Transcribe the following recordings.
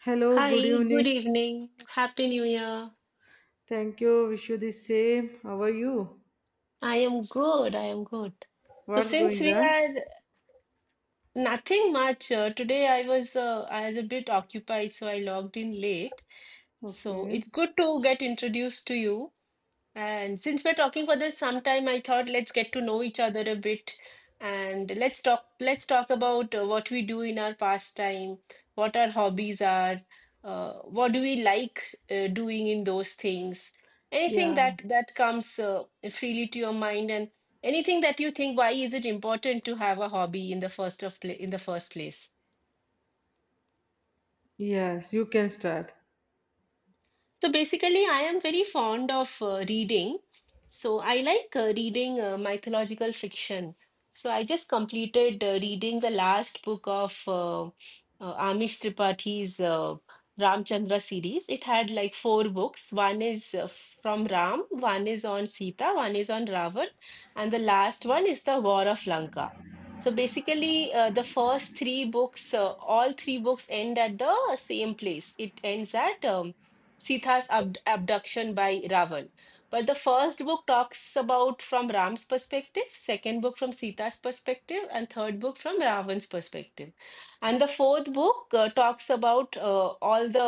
Hello, good Hi, evening. good evening. Happy New Year. Thank you. Wish you the same. How are you? I am good. I am good. So What's since going we on? had nothing much today, I was a bit occupied, so I logged in late. So Okay. it's good to get introduced to you. And since we're talking for this sometime, I thought let's get to know each other a bit and let's talk about what we do in our pastime, what our hobbies are, what do we like doing in those things. Anything Yeah. that comes freely to your mind, and anything that you think why is it important to have a hobby in the first of pla in the first place. Yes, you can start. So basically, I am very fond of reading. So I like reading mythological fiction. So I just completed reading the last book of Amish Tripathi Ramchandra series. It had like four books. One is from Ram, one is on Sita, one is on Ravan, and the last one is the War of Lanka. So basically, the first three books, all three books end at the same place. It ends at abduction by Ravan. But the first book talks about from Ram's perspective, second book from Sita's perspective, and third book from Ravan's perspective. And the fourth book talks about all the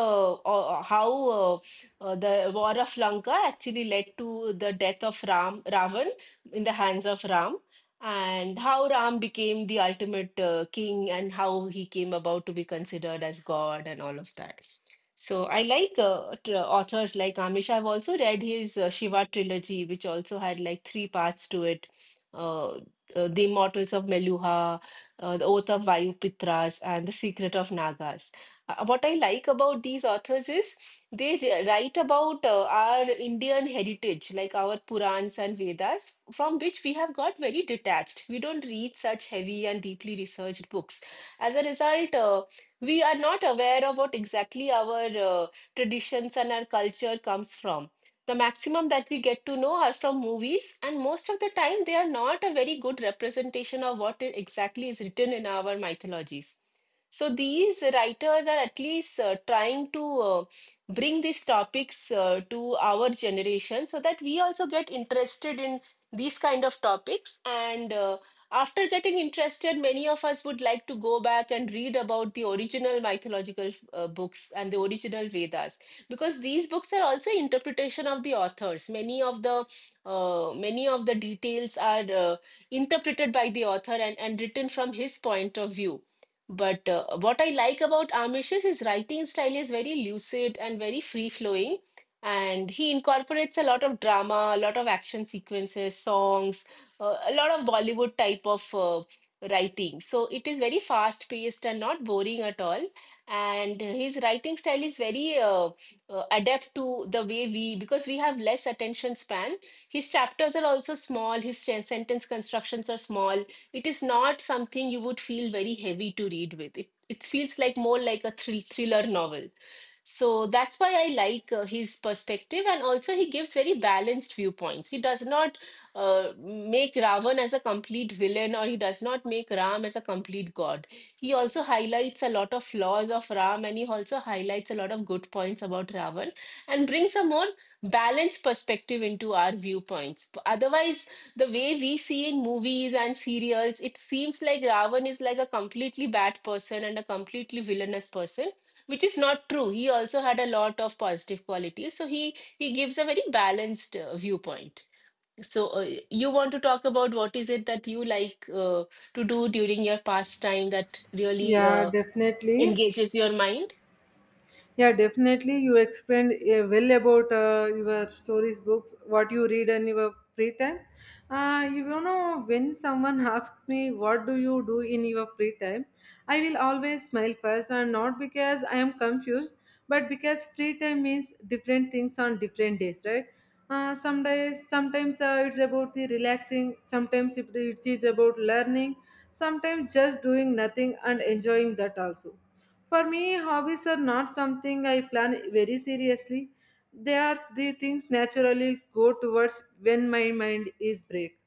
how uh, the war of Lanka actually led to the death of Ram Ravan in the hands of Ram, and how Ram became the ultimate king, and how he came about to be considered as God, and all of that. So I like authors like Amish. I've also read his Shiva trilogy, which also had like three parts to it. Uh, The Immortals of Meluha, The Oath of Vayupitras, and The Secret of Nagas. What I like about these authors is write about our Indian heritage, like our Purans and Vedas, from which we have got very detached. We don't read such heavy and deeply researched books. As a result, we are not aware of what exactly our traditions and our culture comes from. The maximum that we get to know are from movies, and most of the time, they are not a very good representation of what exactly is written in our mythologies. So these writers are at least trying to bring these topics to our generation so that we also get interested in these kind of topics. And after getting interested, many of us would like to go back and read about the original mythological books and the original Vedas, because these books are also interpretation of the authors. Many of the many of the details are interpreted by the author and written from his point of view. But what I like about Amish's his writing style is very lucid and very free flowing. And he incorporates a lot of drama, a lot of action sequences, songs, a lot of Bollywood type of writing. So it is very fast paced and not boring at all. And his writing style is very adept to the way we, because we have less attention span. His chapters are also small, sentence constructions are small. It is not something you would feel very heavy to read with. It feels like more like a thriller novel. So that's why I like his perspective, and also he gives very balanced viewpoints. He does not make Ravan as a complete villain, or he does not make Ram as a complete god. He also highlights a lot of flaws of Ram, and he also highlights a lot of good points about Ravan, and brings a more balanced perspective into our viewpoints. Otherwise, the way we see in movies and serials, it seems like Ravan is like a completely bad person and a completely villainous person, which is not true. He also had a lot of positive qualities. So he gives a very balanced viewpoint. So you want to talk about what is it that you like to do during your pastime that really Yeah, definitely. engages your mind? Yeah, definitely. You explained well about your stories, books, what you read in your free time. You know, when someone asks me, what do you do in your free time? I will always smile first, and not because I am confused, but because free time means different things on different days, right? Sometimes it's about the relaxing, sometimes it is about learning, sometimes just doing nothing and enjoying that also. For me, hobbies are not something I plan very seriously. They are the things naturally go towards when my mind is break.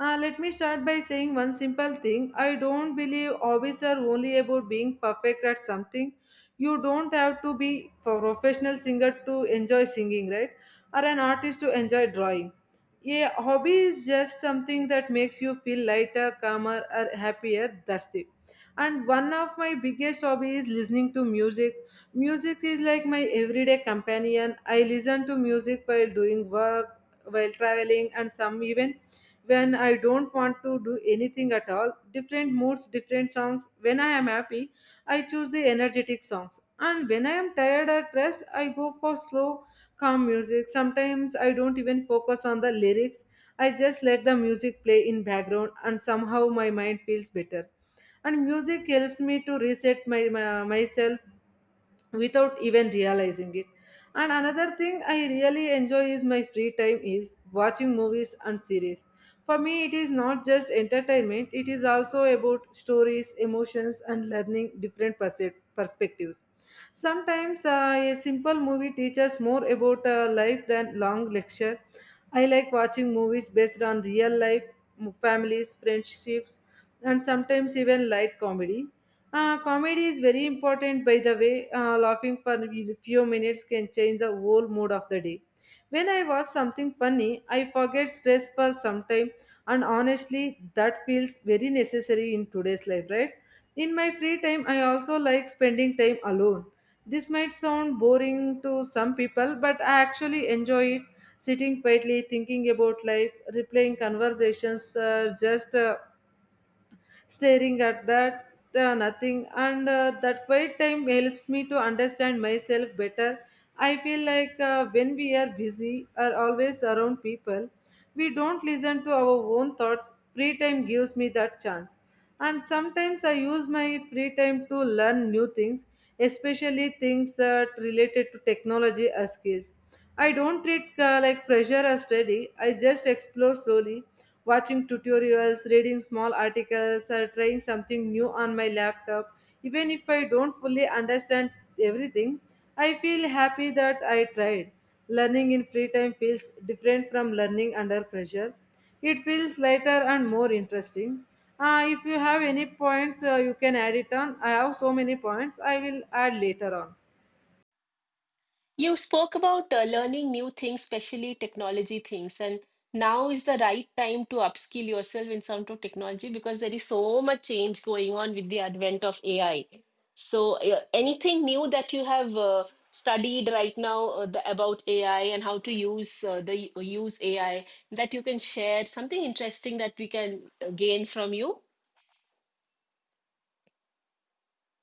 Let me start by saying one simple thing. I don't believe hobbies are only about being perfect at something. You don't have to be a professional singer to enjoy singing, right? Or an artist to enjoy drawing. A hobby is just something that makes you feel lighter, calmer, or happier. That's it. And one of my biggest hobby is listening to music. Music is like my everyday companion. I listen to music while doing work, while traveling, and some even when I don't want to do anything at all. Different moods, different songs. When I am happy, I choose the energetic songs, and when I am tired or stressed, I go for slow, calm music. Sometimes I don't even focus on the lyrics. I just let the music play in background, and somehow my mind feels better. And music helps me to reset my myself without even realizing it. And another thing I really enjoy is my free time is watching movies and series. For me, it is not just entertainment. It is also about stories, emotions, and learning different perspectives. Sometimes a simple movie teaches more about life than long lecture. I like watching movies based on real life, families, friendships, and sometimes even light comedy. Comedy is very important, by the way. Laughing for a few minutes can change the whole mood of the day. When I watch something funny, I forget stress for some time, and honestly, that feels very necessary in today's life, right? In my free time, I also like spending time alone. This might sound boring to some people, but I actually enjoy it. Sitting quietly, thinking about life, replaying conversations, just staring at that nothing. And that quiet time helps me to understand myself better. I feel like when we are busy or always around people, we don't listen to our own thoughts. Free time gives me that chance. And sometimes I use my free time to learn new things, especially things that related to technology or skills. I don't treat like pressure as study. I just explore slowly, watching tutorials, reading small articles, or trying something new on my laptop. Even if I don't fully understand everything, I feel happy that I tried. Learning in free time feels different from learning under pressure. It feels lighter and more interesting. If you have any points, you can add it on. I have so many points, I will add later on. You spoke about learning new things, especially technology things, and now is the right time to upskill yourself in some of technology, because there is so much change going on with the advent of AI. So, anything new that you have studied right now about AI and how to use the use AI, that you can share, something interesting that we can gain from you?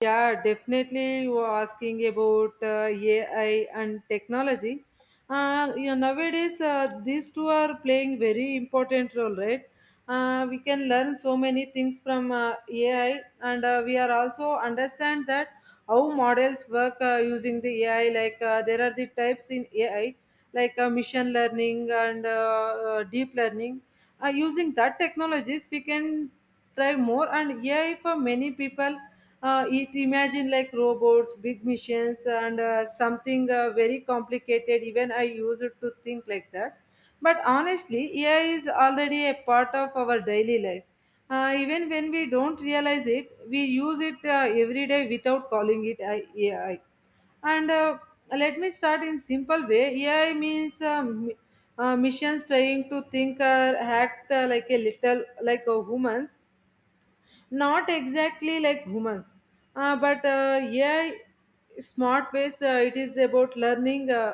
Yeah, definitely. You are asking about AI and technology. You know, nowadays, these two are playing very important role, right? We can learn so many things from AI, and we are also understand that how models work using the AI. Like there are the types in AI, like machine learning and deep learning. Using that technologies, we can try more and AI for many people. It imagine like robots, big machines, and something very complicated. Even I used to think like that. But honestly, AI is already a part of our daily life. Even when we don't realize it, we use it every day without calling it AI. And let me start in simple way. AI means missions trying to think or act like a little like a humans, not exactly like humans, but yeah, smart ways. It is about learning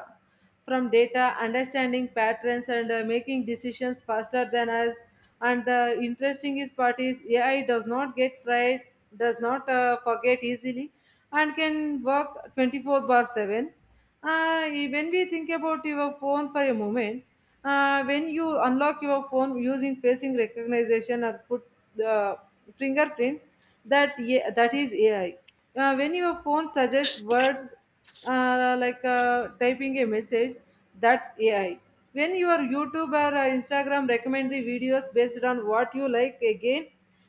from data, understanding patterns, and making decisions faster than us. And the interesting is part is AI does not get tired, does not forget easily, and can work 24/7. uh, when we think about your phone for a moment, when you unlock your phone using facing recognition or foot fingerprint, that, yeah, that is AI. When your phone suggests words like typing a message, that's AI. When your YouTube or Instagram recommend the videos based on what you like, again,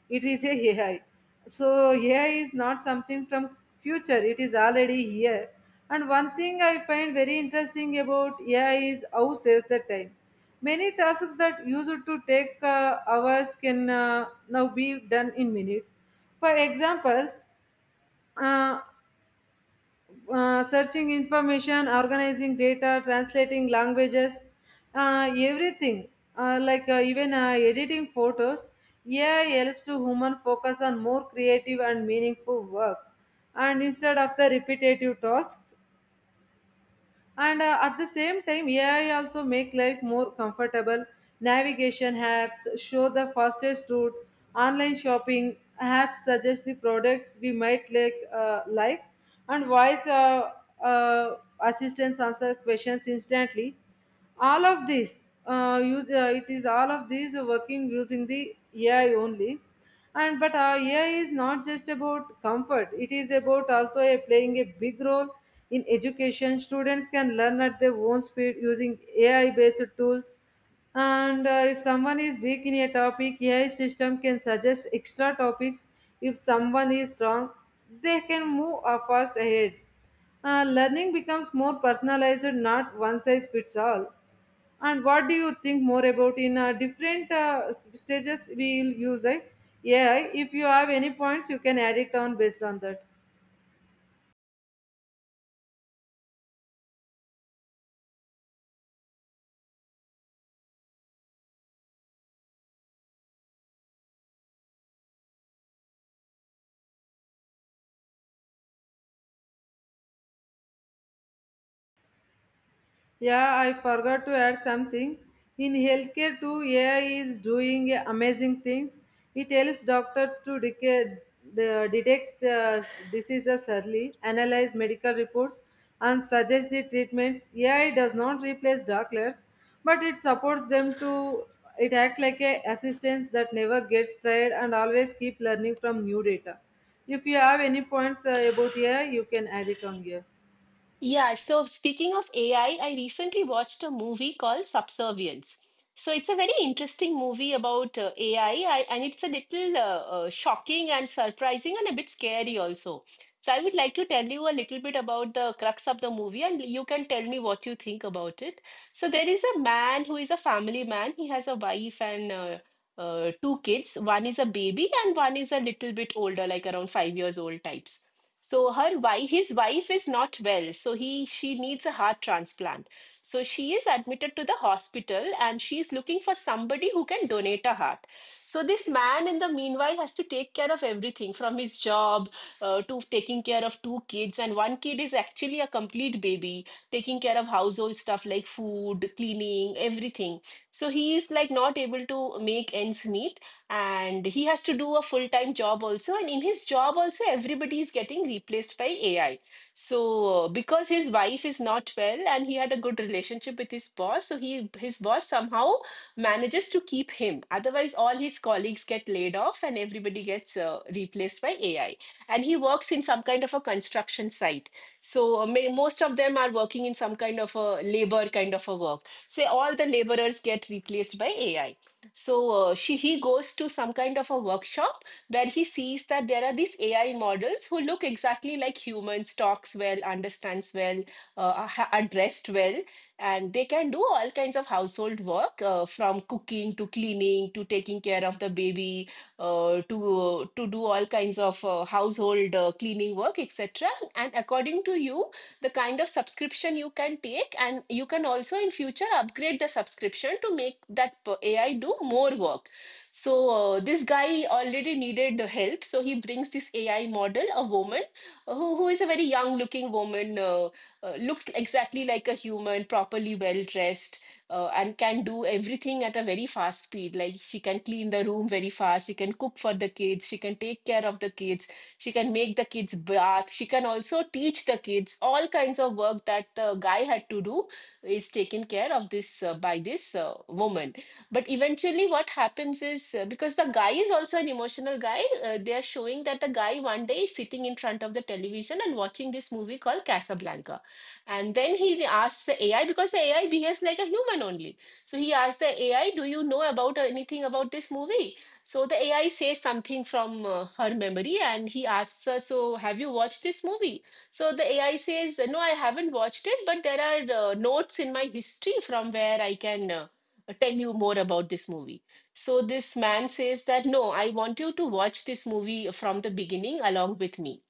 it is a AI. So AI is not something from future. It is already here. And one thing I find very interesting about AI is how saves the time. Many tasks that used to take hours can now be done in minutes. For examples, uh, searching information, organizing data, translating languages, everything. Like even editing photos, AI helps to human focus on more creative and meaningful work. And instead of the repetitive tasks, and at the same time, AI also make life more comfortable. Navigation apps show the fastest route. Online shopping apps suggest the products we might like. And voice uh, assistants answer questions instantly. All of this, use it is all of these working using the AI only. And but uh, AI is not just about comfort. It is about also a, playing a big role in education. Students can learn at their own speed using AI based tools. And if someone is weak in a topic, AI system can suggest extra topics. If someone is strong, they can move fast ahead. Learning becomes more personalized, not one size fits all. And what do you think more about in different stages we will use AI? If you have any points, you can add it on based on that. Yeah, I forgot to add something. In healthcare too, AI is doing amazing things. It helps doctors to detect the diseases early, analyze medical reports, and suggest the treatments. AI does not replace doctors, but it supports them to. It acts like a assistance that never gets tired and always keep learning from new data. If you have any points about AI, you can add it on here. Yeah, so speaking of AI, I recently watched a movie called Subservience. So it's a very interesting movie about AI, and it's a little shocking and surprising and a bit scary also. So I would like to tell you a little bit about the crux of the movie, and you can tell me what you think about it. So there is a man who is a family man. He has a wife and two kids. One is a baby, and one is a little bit older, like around 5 years old types. So her wife his wife is not well, so he she needs a heart transplant. So she is admitted to the hospital, and she is looking for somebody who can donate a heart. So this man in the meanwhile has to take care of everything, from his job to taking care of two kids, and one kid is actually a complete baby, taking care of household stuff like food, cleaning, everything. So he is like not able to make ends meet, and he has to do a full-time job also. And in his job also, everybody is getting replaced by AI. So because his wife is not well, and he had a good relationship with his boss, so he his boss somehow manages to keep him. Otherwise, all his colleagues get laid off and everybody gets replaced by AI. And he works in some kind of a construction site. So most of them are working in some kind of a labor kind of a work. So all the laborers get replaced by AI. So he goes to some kind of a workshop where he sees that there are these AI models who look exactly like humans, talks well, understands well, are dressed well, and they can do all kinds of household work, from cooking to cleaning to taking care of the baby, to do all kinds of household cleaning work, etc. And according to you, the kind of subscription you can take, and you can also in future upgrade the subscription to make that AI do more work. So this guy already needed the help, so he brings this AI model, a woman, who is a very young looking woman, looks exactly like a human, properly well dressed, and can do everything at a very fast speed. Like she can clean the room very fast, she can cook for the kids, she can take care of the kids, she can make the kids bath, she can also teach the kids. All kinds of work that the guy had to do is taken care of this by this woman. But eventually what happens is, because the guy is also an emotional guy, they are showing that the guy one day is sitting in front of the television and watching this movie called Casablanca, and then he asks the AI, because the AI behaves like a human only, so he asked the AI, do you know about anything about this movie? So the AI says something from her memory, and he asks her, So, have you watched this movie? So the AI says, No, I haven't watched it, but there are notes in my history from where I can tell you more about this movie. So this man says that, No, I want you to watch this movie from the beginning along with me,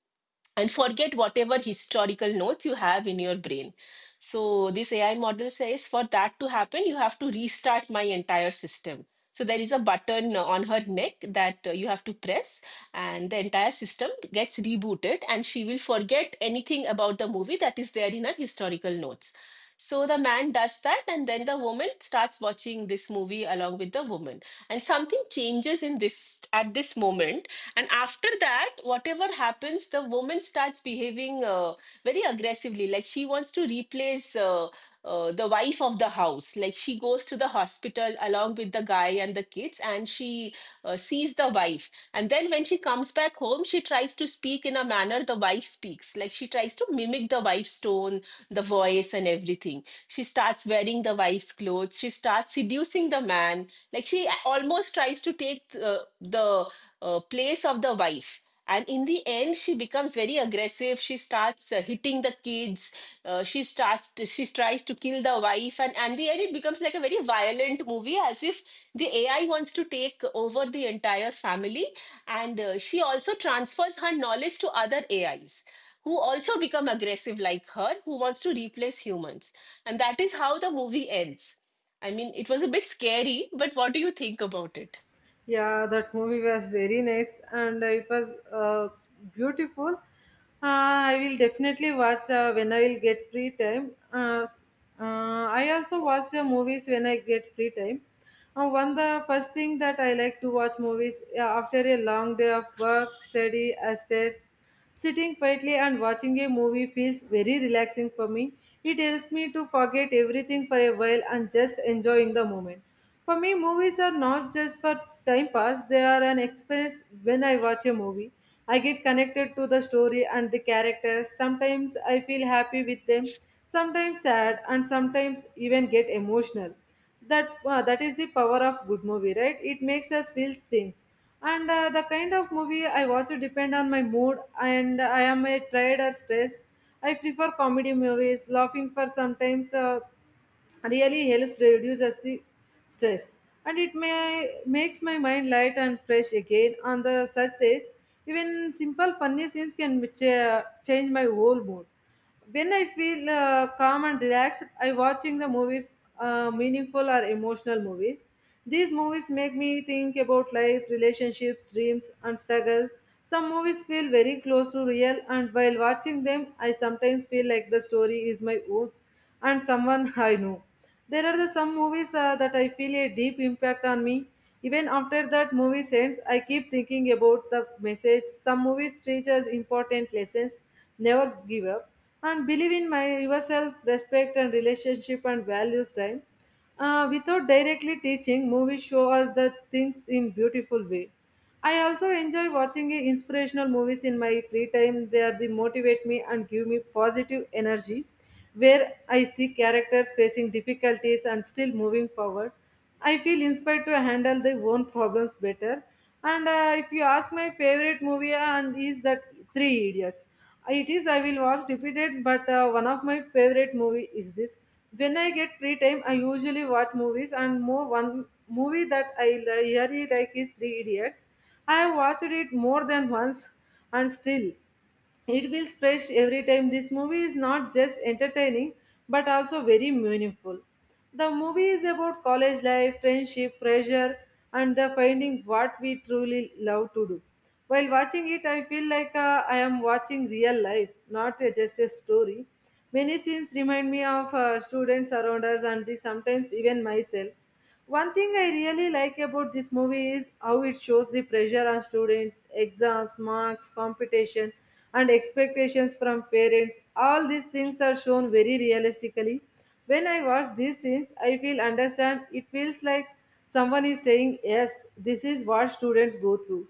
and forget whatever historical notes you have in your brain. So, this AI model says, for that to happen, you have to restart my entire system. So, there is a button on her neck that you have to press, and the entire system gets rebooted, and she will forget anything about the movie that is there in her historical notes. So, the man does that, and then the woman starts watching this movie along with the woman, and something changes in this at this moment and after that whatever happens the woman starts behaving very aggressively like she wants to replace the wife of the house. Like she goes to the hospital along with the guy and the kids and she sees the wife, and then when she comes back home she tries to speak in a manner the wife speaks, like she tries to mimic the wife's tone, the voice and everything. She starts wearing the wife's clothes. She starts seducing the man. Like she almost tries to take the place of the wife. And in the end, she becomes very aggressive. She starts hitting the kids. She tries to kill the wife. And the end, it becomes like a very violent movie, as if the AI wants to take over the entire family. And she also transfers her knowledge to other AIs who also become aggressive like her, who wants to replace humans. And that is how the movie ends. I mean, it was a bit scary, but what do you think about it? Yeah, that movie was very nice and it was beautiful. I will definitely watch when I will get free time. Uh, I also watch the movies when I get free time. One the first thing that I like to watch movies after a long day of work, study, I stay. Sitting quietly and watching a movie feels very relaxing for me. It helps me to forget everything for a while and just enjoying the moment. For me, movies are not just for time pass. They are an experience. When I watch a movie, I get connected to the story and the characters. Sometimes I feel happy with them, sometimes sad, and sometimes even get emotional. That is the power of good movie, right? It makes us feel things. And the kind of movie I watch depend on my mood. And I am a tired or stressed, I prefer comedy movies. Laughing for sometimes really helps reduces the stress, and it may makes my mind light and fresh again. On the such days, even simple funny scenes can change my whole mood. When I feel calm and relaxed, I watching the movies, meaningful or emotional movies. These movies make me think about life, relationships, dreams, and struggles. Some movies feel very close to real, and while watching them, I sometimes feel like the story is my own and someone I know. There are the some movies that I feel a deep impact on me. Even after that movie ends, I keep thinking about the message. Some movies teach us important lessons: never give up, and believe in my yourself, respect and relationship and values time. Without directly teaching, movies show us the things in beautiful way. I also enjoy watching inspirational movies in my free time. They are the motivate me and give me positive energy, where I see characters facing difficulties and still moving forward. I feel inspired to handle their own problems better. And if you ask my favorite movie, and is that Three Idiots? It is I will watch repeated but one of my favorite movie is this. When I get free time I usually watch movies, and more one movie that I really like is Three Idiots. I have watched it more than once, and still it feels fresh every time. This movie is not just entertaining but also very meaningful. The movie is about college life, friendship, pressure, and the finding what we truly love to do. While watching it, I feel like I am watching real life, not just a story. Many scenes remind me of students around us and the, sometimes even myself. One thing I really like about this movie is how it shows the pressure on students, exams, marks, competition, and expectations from parents. All these things are shown very realistically. When I watch these scenes, I feel understand. It feels like someone is saying, "Yes, this is what students go through."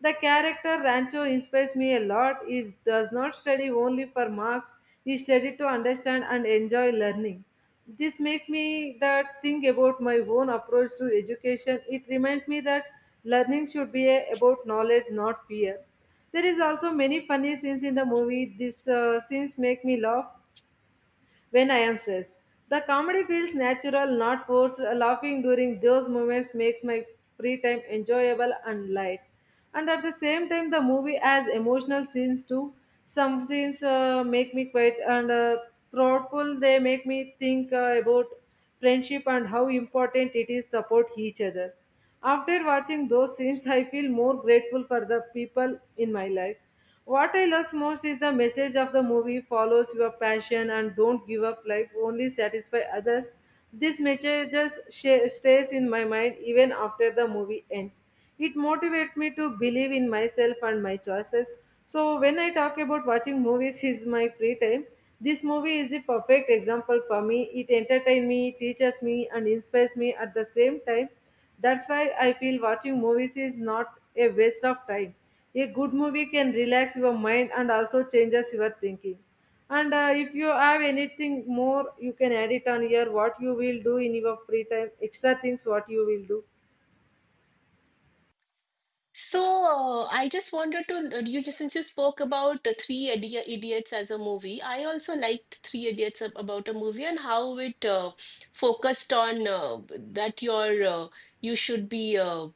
The character Rancho inspires me a lot. He does not study only for marks, he studies to understand and enjoy learning. This makes me that think about my own approach to education. It reminds me that learning should be about knowledge, not fear. There is also many funny scenes in the movie. These scenes make me laugh when I am stressed. The comedy feels natural, not forced. Laughing during those moments makes my free time enjoyable and light. And at the same time, the movie has emotional scenes too. Some scenes make me quiet and thoughtful. They make me think about friendship and how important it is support each other. After watching those scenes, I feel more grateful for the people in my life. What I love most is the message of the movie: follows your passion and don't give up life, only satisfy others. This message just stays in my mind even after the movie ends. It motivates me to believe in myself and my choices. So, when I talk about watching movies is my free time, this movie is the perfect example for me. It entertains me, teaches me, and inspires me at the same time. That's why I feel watching movies is not a waste of time. A good movie can relax your mind and also changes your thinking. And if you have anything more you can add it on here, what you will do in your free time, extra things what you will do. So, I just wanted to, you just since you spoke about the Idiots as a movie, I also liked Three Idiots about a movie and how it focused on that your you should be,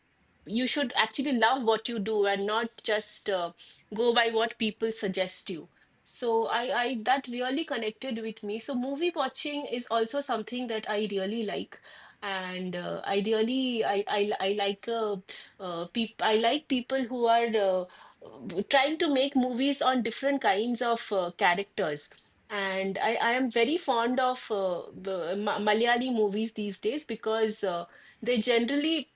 you should actually love what you do and not just go by what people suggest you. So I that really connected with me. So movie watching is also something that I really like, and I really I like. Peop I like people who are trying to make movies on different kinds of characters. And I am very fond of the Malayali movies these days because they generally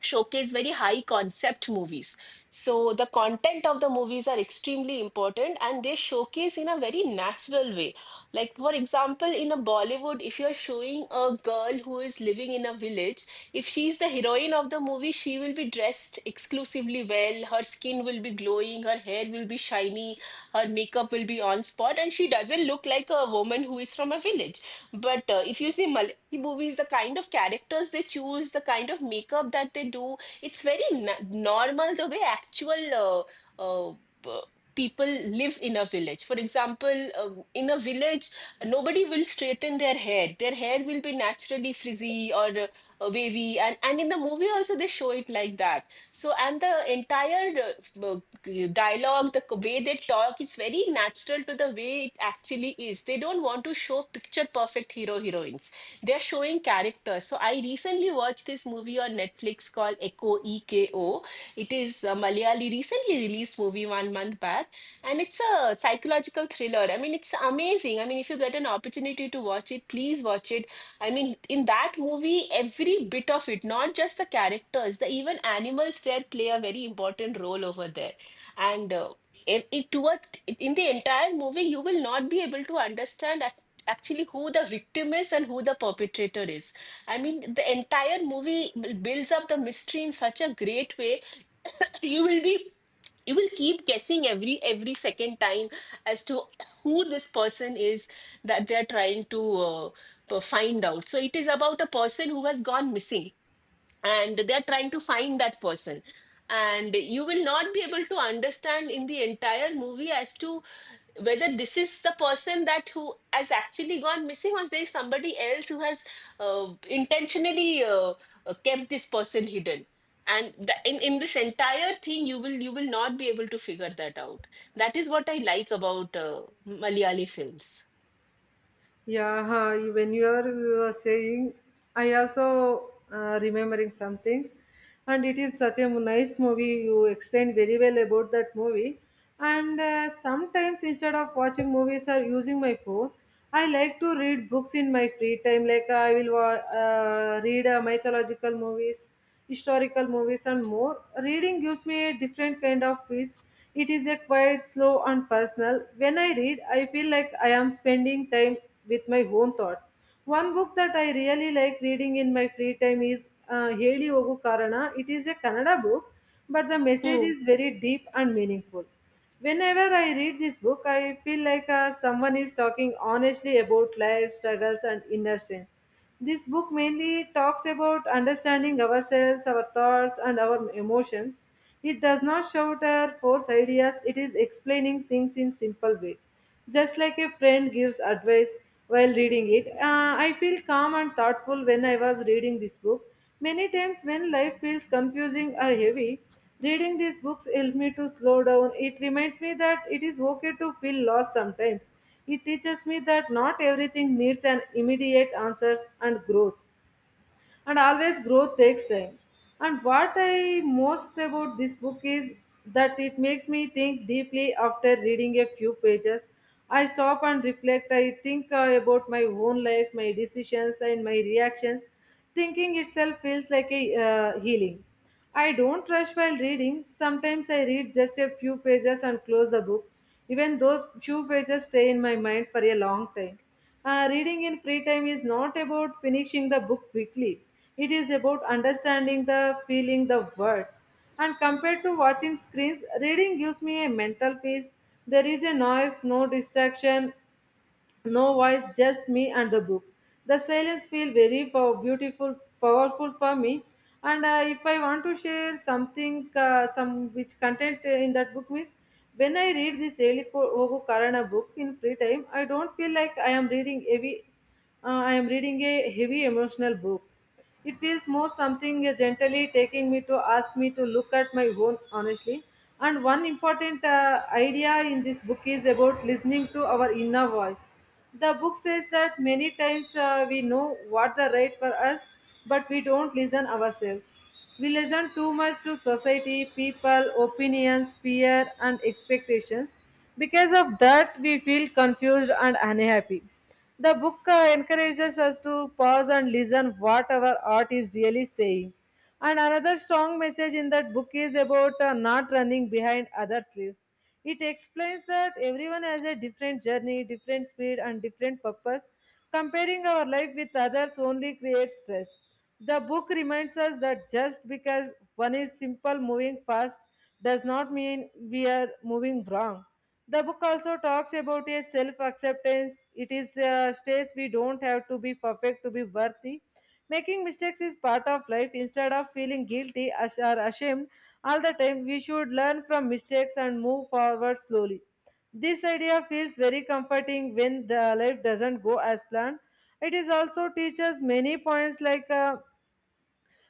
showcase very high concept movies. So the content of the movies are extremely important and they showcase in a very natural way. Like, for example, in a Bollywood, if you're showing a girl who is living in a village, if she's the heroine of the movie, she will be dressed exclusively well, her skin will be glowing, her hair will be shiny, her makeup will be on spot, and she doesn't look like a woman who is from a village. But if you see Mal the movies, the kind of characters they choose, the kind of makeup that they do. It's very normal the way actual uh, uh, b- people live in a village. For example, in a village, nobody will straighten their hair. Their hair will be naturally frizzy or wavy. And in the movie also, they show it like that. So, and the entire uh, dialogue, the way they talk, is very natural to the way it actually is. They don't want to show picture perfect hero heroines, they're showing characters. So I recently watched this movie on Netflix called Echo EKO. It is a Malayali recently released movie one month back, and it's a psychological thriller. I mean, it's amazing. I mean, if you get an opportunity to watch it, please watch it. I mean, in that movie, every bit of it, not just the characters, the even animals there play a very important role over there. And it towards in the entire movie, you will not be able to understand actually who the victim is and who the perpetrator is. I mean, the entire movie builds up the mystery in such a great way. You will be you will keep guessing every second time as to who this person is that they are trying to find out. So it is about a person who has gone missing and they're trying to find that person, and you will not be able to understand in the entire movie as to whether this is the person that who has actually gone missing, or there is somebody else who has intentionally kept this person hidden, and in this entire thing you will not be able to figure that out. That is what I like about malayali films. Yeah, huh, when you are saying, I also remembering some things, and it is such a nice movie. You explained very well about that movie. And sometimes instead of watching movies or using my phone, I like to read books in my free time. Like I will read mythological movies, historical movies, and more. Reading gives me a different kind of peace. It is a quite slow, and personal. When I read, I feel like I am spending time with my own thoughts. One book that I really like reading in my free time is Heli Ogu Karana. It is a Kannada book, but the message is very deep and meaningful. Whenever I read this book, I feel like someone is talking honestly about life, struggles, and inner strength. This book mainly talks about understanding ourselves, our thoughts, and our emotions. It does not shout or force ideas, it is explaining things in simple way. Just like a friend gives advice while reading it, I feel calm and thoughtful when I was reading this book. Many times when life feels confusing or heavy, reading these books helps me to slow down. It reminds me that it is okay to feel lost sometimes. It teaches me that not everything needs an immediate answer and growth, and always growth takes time. And what I most about this book is that it makes me think deeply after reading a few pages. I stop and reflect. I think about my own life, my decisions, and my reactions. Thinking itself feels like a healing. I don't rush while reading. Sometimes I read just a few pages and close the book. Even those few pages stay in my mind for a long time. Reading in free time is not about finishing the book quickly. It is about understanding the feeling, the words. And compared to watching screens, reading gives me a mental peace. There is a noise, no distraction, no voice, just me and the book. The silence feel very beautiful, powerful for me. And if I want to share something, some which content in that book means, when I read this Elikogo Karana book in free time, I don't feel like I am reading heavy. I am reading a heavy emotional book. It feels more something is gently taking me to ask me to look at my own honestly. And one important idea in this book is about listening to our inner voice. The book says that many times we know what the right for us, but we don't listen ourselves. We listen too much to society, people, opinions, fear, and expectations. Because of that, we feel confused and unhappy. The book encourages us to pause and listen what our art is really saying. And another strong message in that book is about not running behind others' lives. It explains that everyone has a different journey, different speed, and different purpose. Comparing our life with others only creates stress. The book reminds us that just because one is simple moving fast does not mean we are moving wrong. The book also talks about a self acceptance. It is a stage we don't have to be perfect to be worthy. Making mistakes is part of life. Instead of feeling guilty or ashamed all the time, we should learn from mistakes and move forward slowly. This idea feels very comforting when the life doesn't go as planned. It is also teaches many points like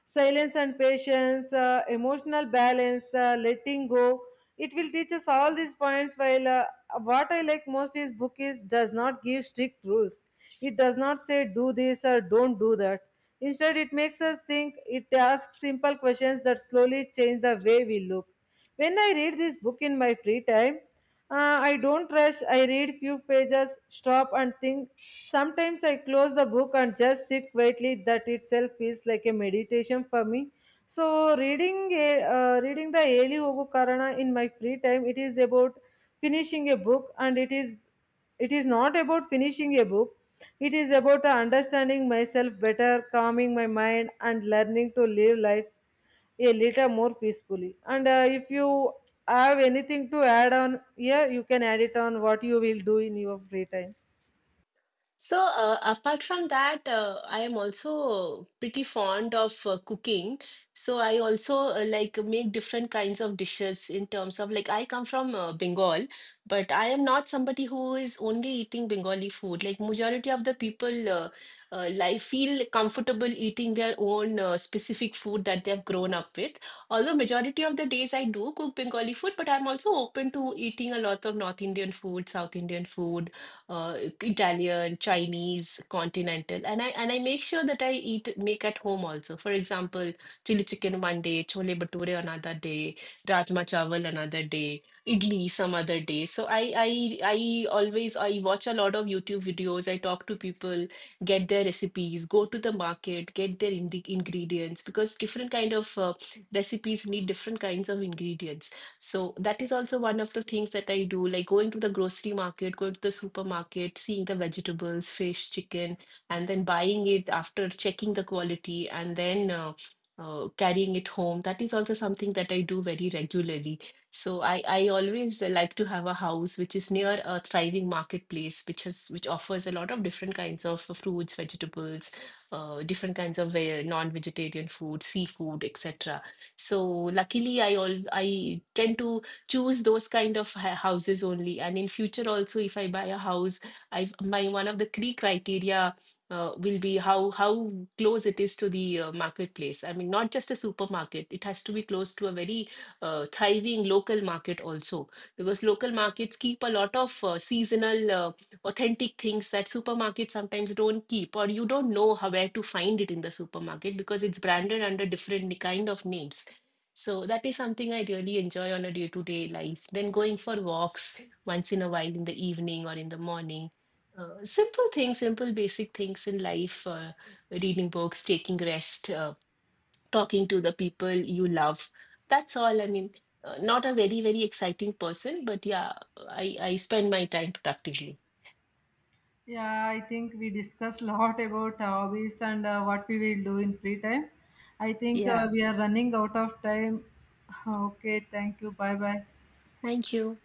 silence and patience, emotional balance, letting go. It will teach us all these points. While what I like most is book is does not give strict rules. It does not say do this or don't do that. Instead, it makes us think. It asks simple questions that slowly change the way we look. When I read this book in my free time. I don't rush. I read few pages, stop and think. Sometimes I close the book and just sit quietly. That itself feels like a meditation for me. So reading a, reading the Eli Hogu Karana in my free time, it is about finishing a book and it is not about finishing a book. It is about understanding myself better, calming my mind and learning to live life a little more peacefully. And if you have anything to add on here you can add it on what you will do in your free time. So, apart from that, I am also pretty fond of cooking. So, I also like make different kinds of dishes in terms of like I come from Bengal, but I am not somebody who is only eating Bengali food. Like majority of the people like feel comfortable eating their own specific food that they have grown up with. Although majority of the days I do cook Bengali food, but I'm also open to eating a lot of North Indian food, South Indian food, uh, Italian, Chinese, continental, and I make sure that I eat make at home also. For example, chili chicken one day, chole bhature another day, rajma chawal another day, idli some other day. So I always I watch a lot of YouTube videos. I talk to people, get their recipes, go to the market, get their ingredients because different kind of recipes need different kinds of ingredients. So that is also one of the things that I do, like going to the grocery market, going to the supermarket, seeing the vegetables, fish, chicken, and then buying it after checking the quality, and then carrying it home. That is also something that I do very regularly. So I always like to have a house which is near a thriving marketplace, which offers a lot of different kinds of fruits, vegetables, different kinds of non-vegetarian food, seafood, etc. So luckily, I tend to choose those kind of houses only. And in future also, if I buy a house, I my one of the key criteria will be how close it is to the marketplace. I mean, not just a supermarket. It has to be close to a very thriving local market also, because local markets keep a lot of seasonal, authentic things that supermarkets sometimes don't keep, or you don't know how where to find it in the supermarket because it's branded under different kind of names. So that is something I really enjoy on a day-to-day life. Then going for walks once in a while in the evening or in the morning. Simple things, simple basic things in life, reading books, taking rest, talking to the people you love. That's all. I mean, not a very, very exciting person, but yeah, I spend my time productively. Yeah, I think we discussed a lot about hobbies and what we will do in free time. I think Yeah. we are running out of time. Okay, thank you. Bye bye. Thank you.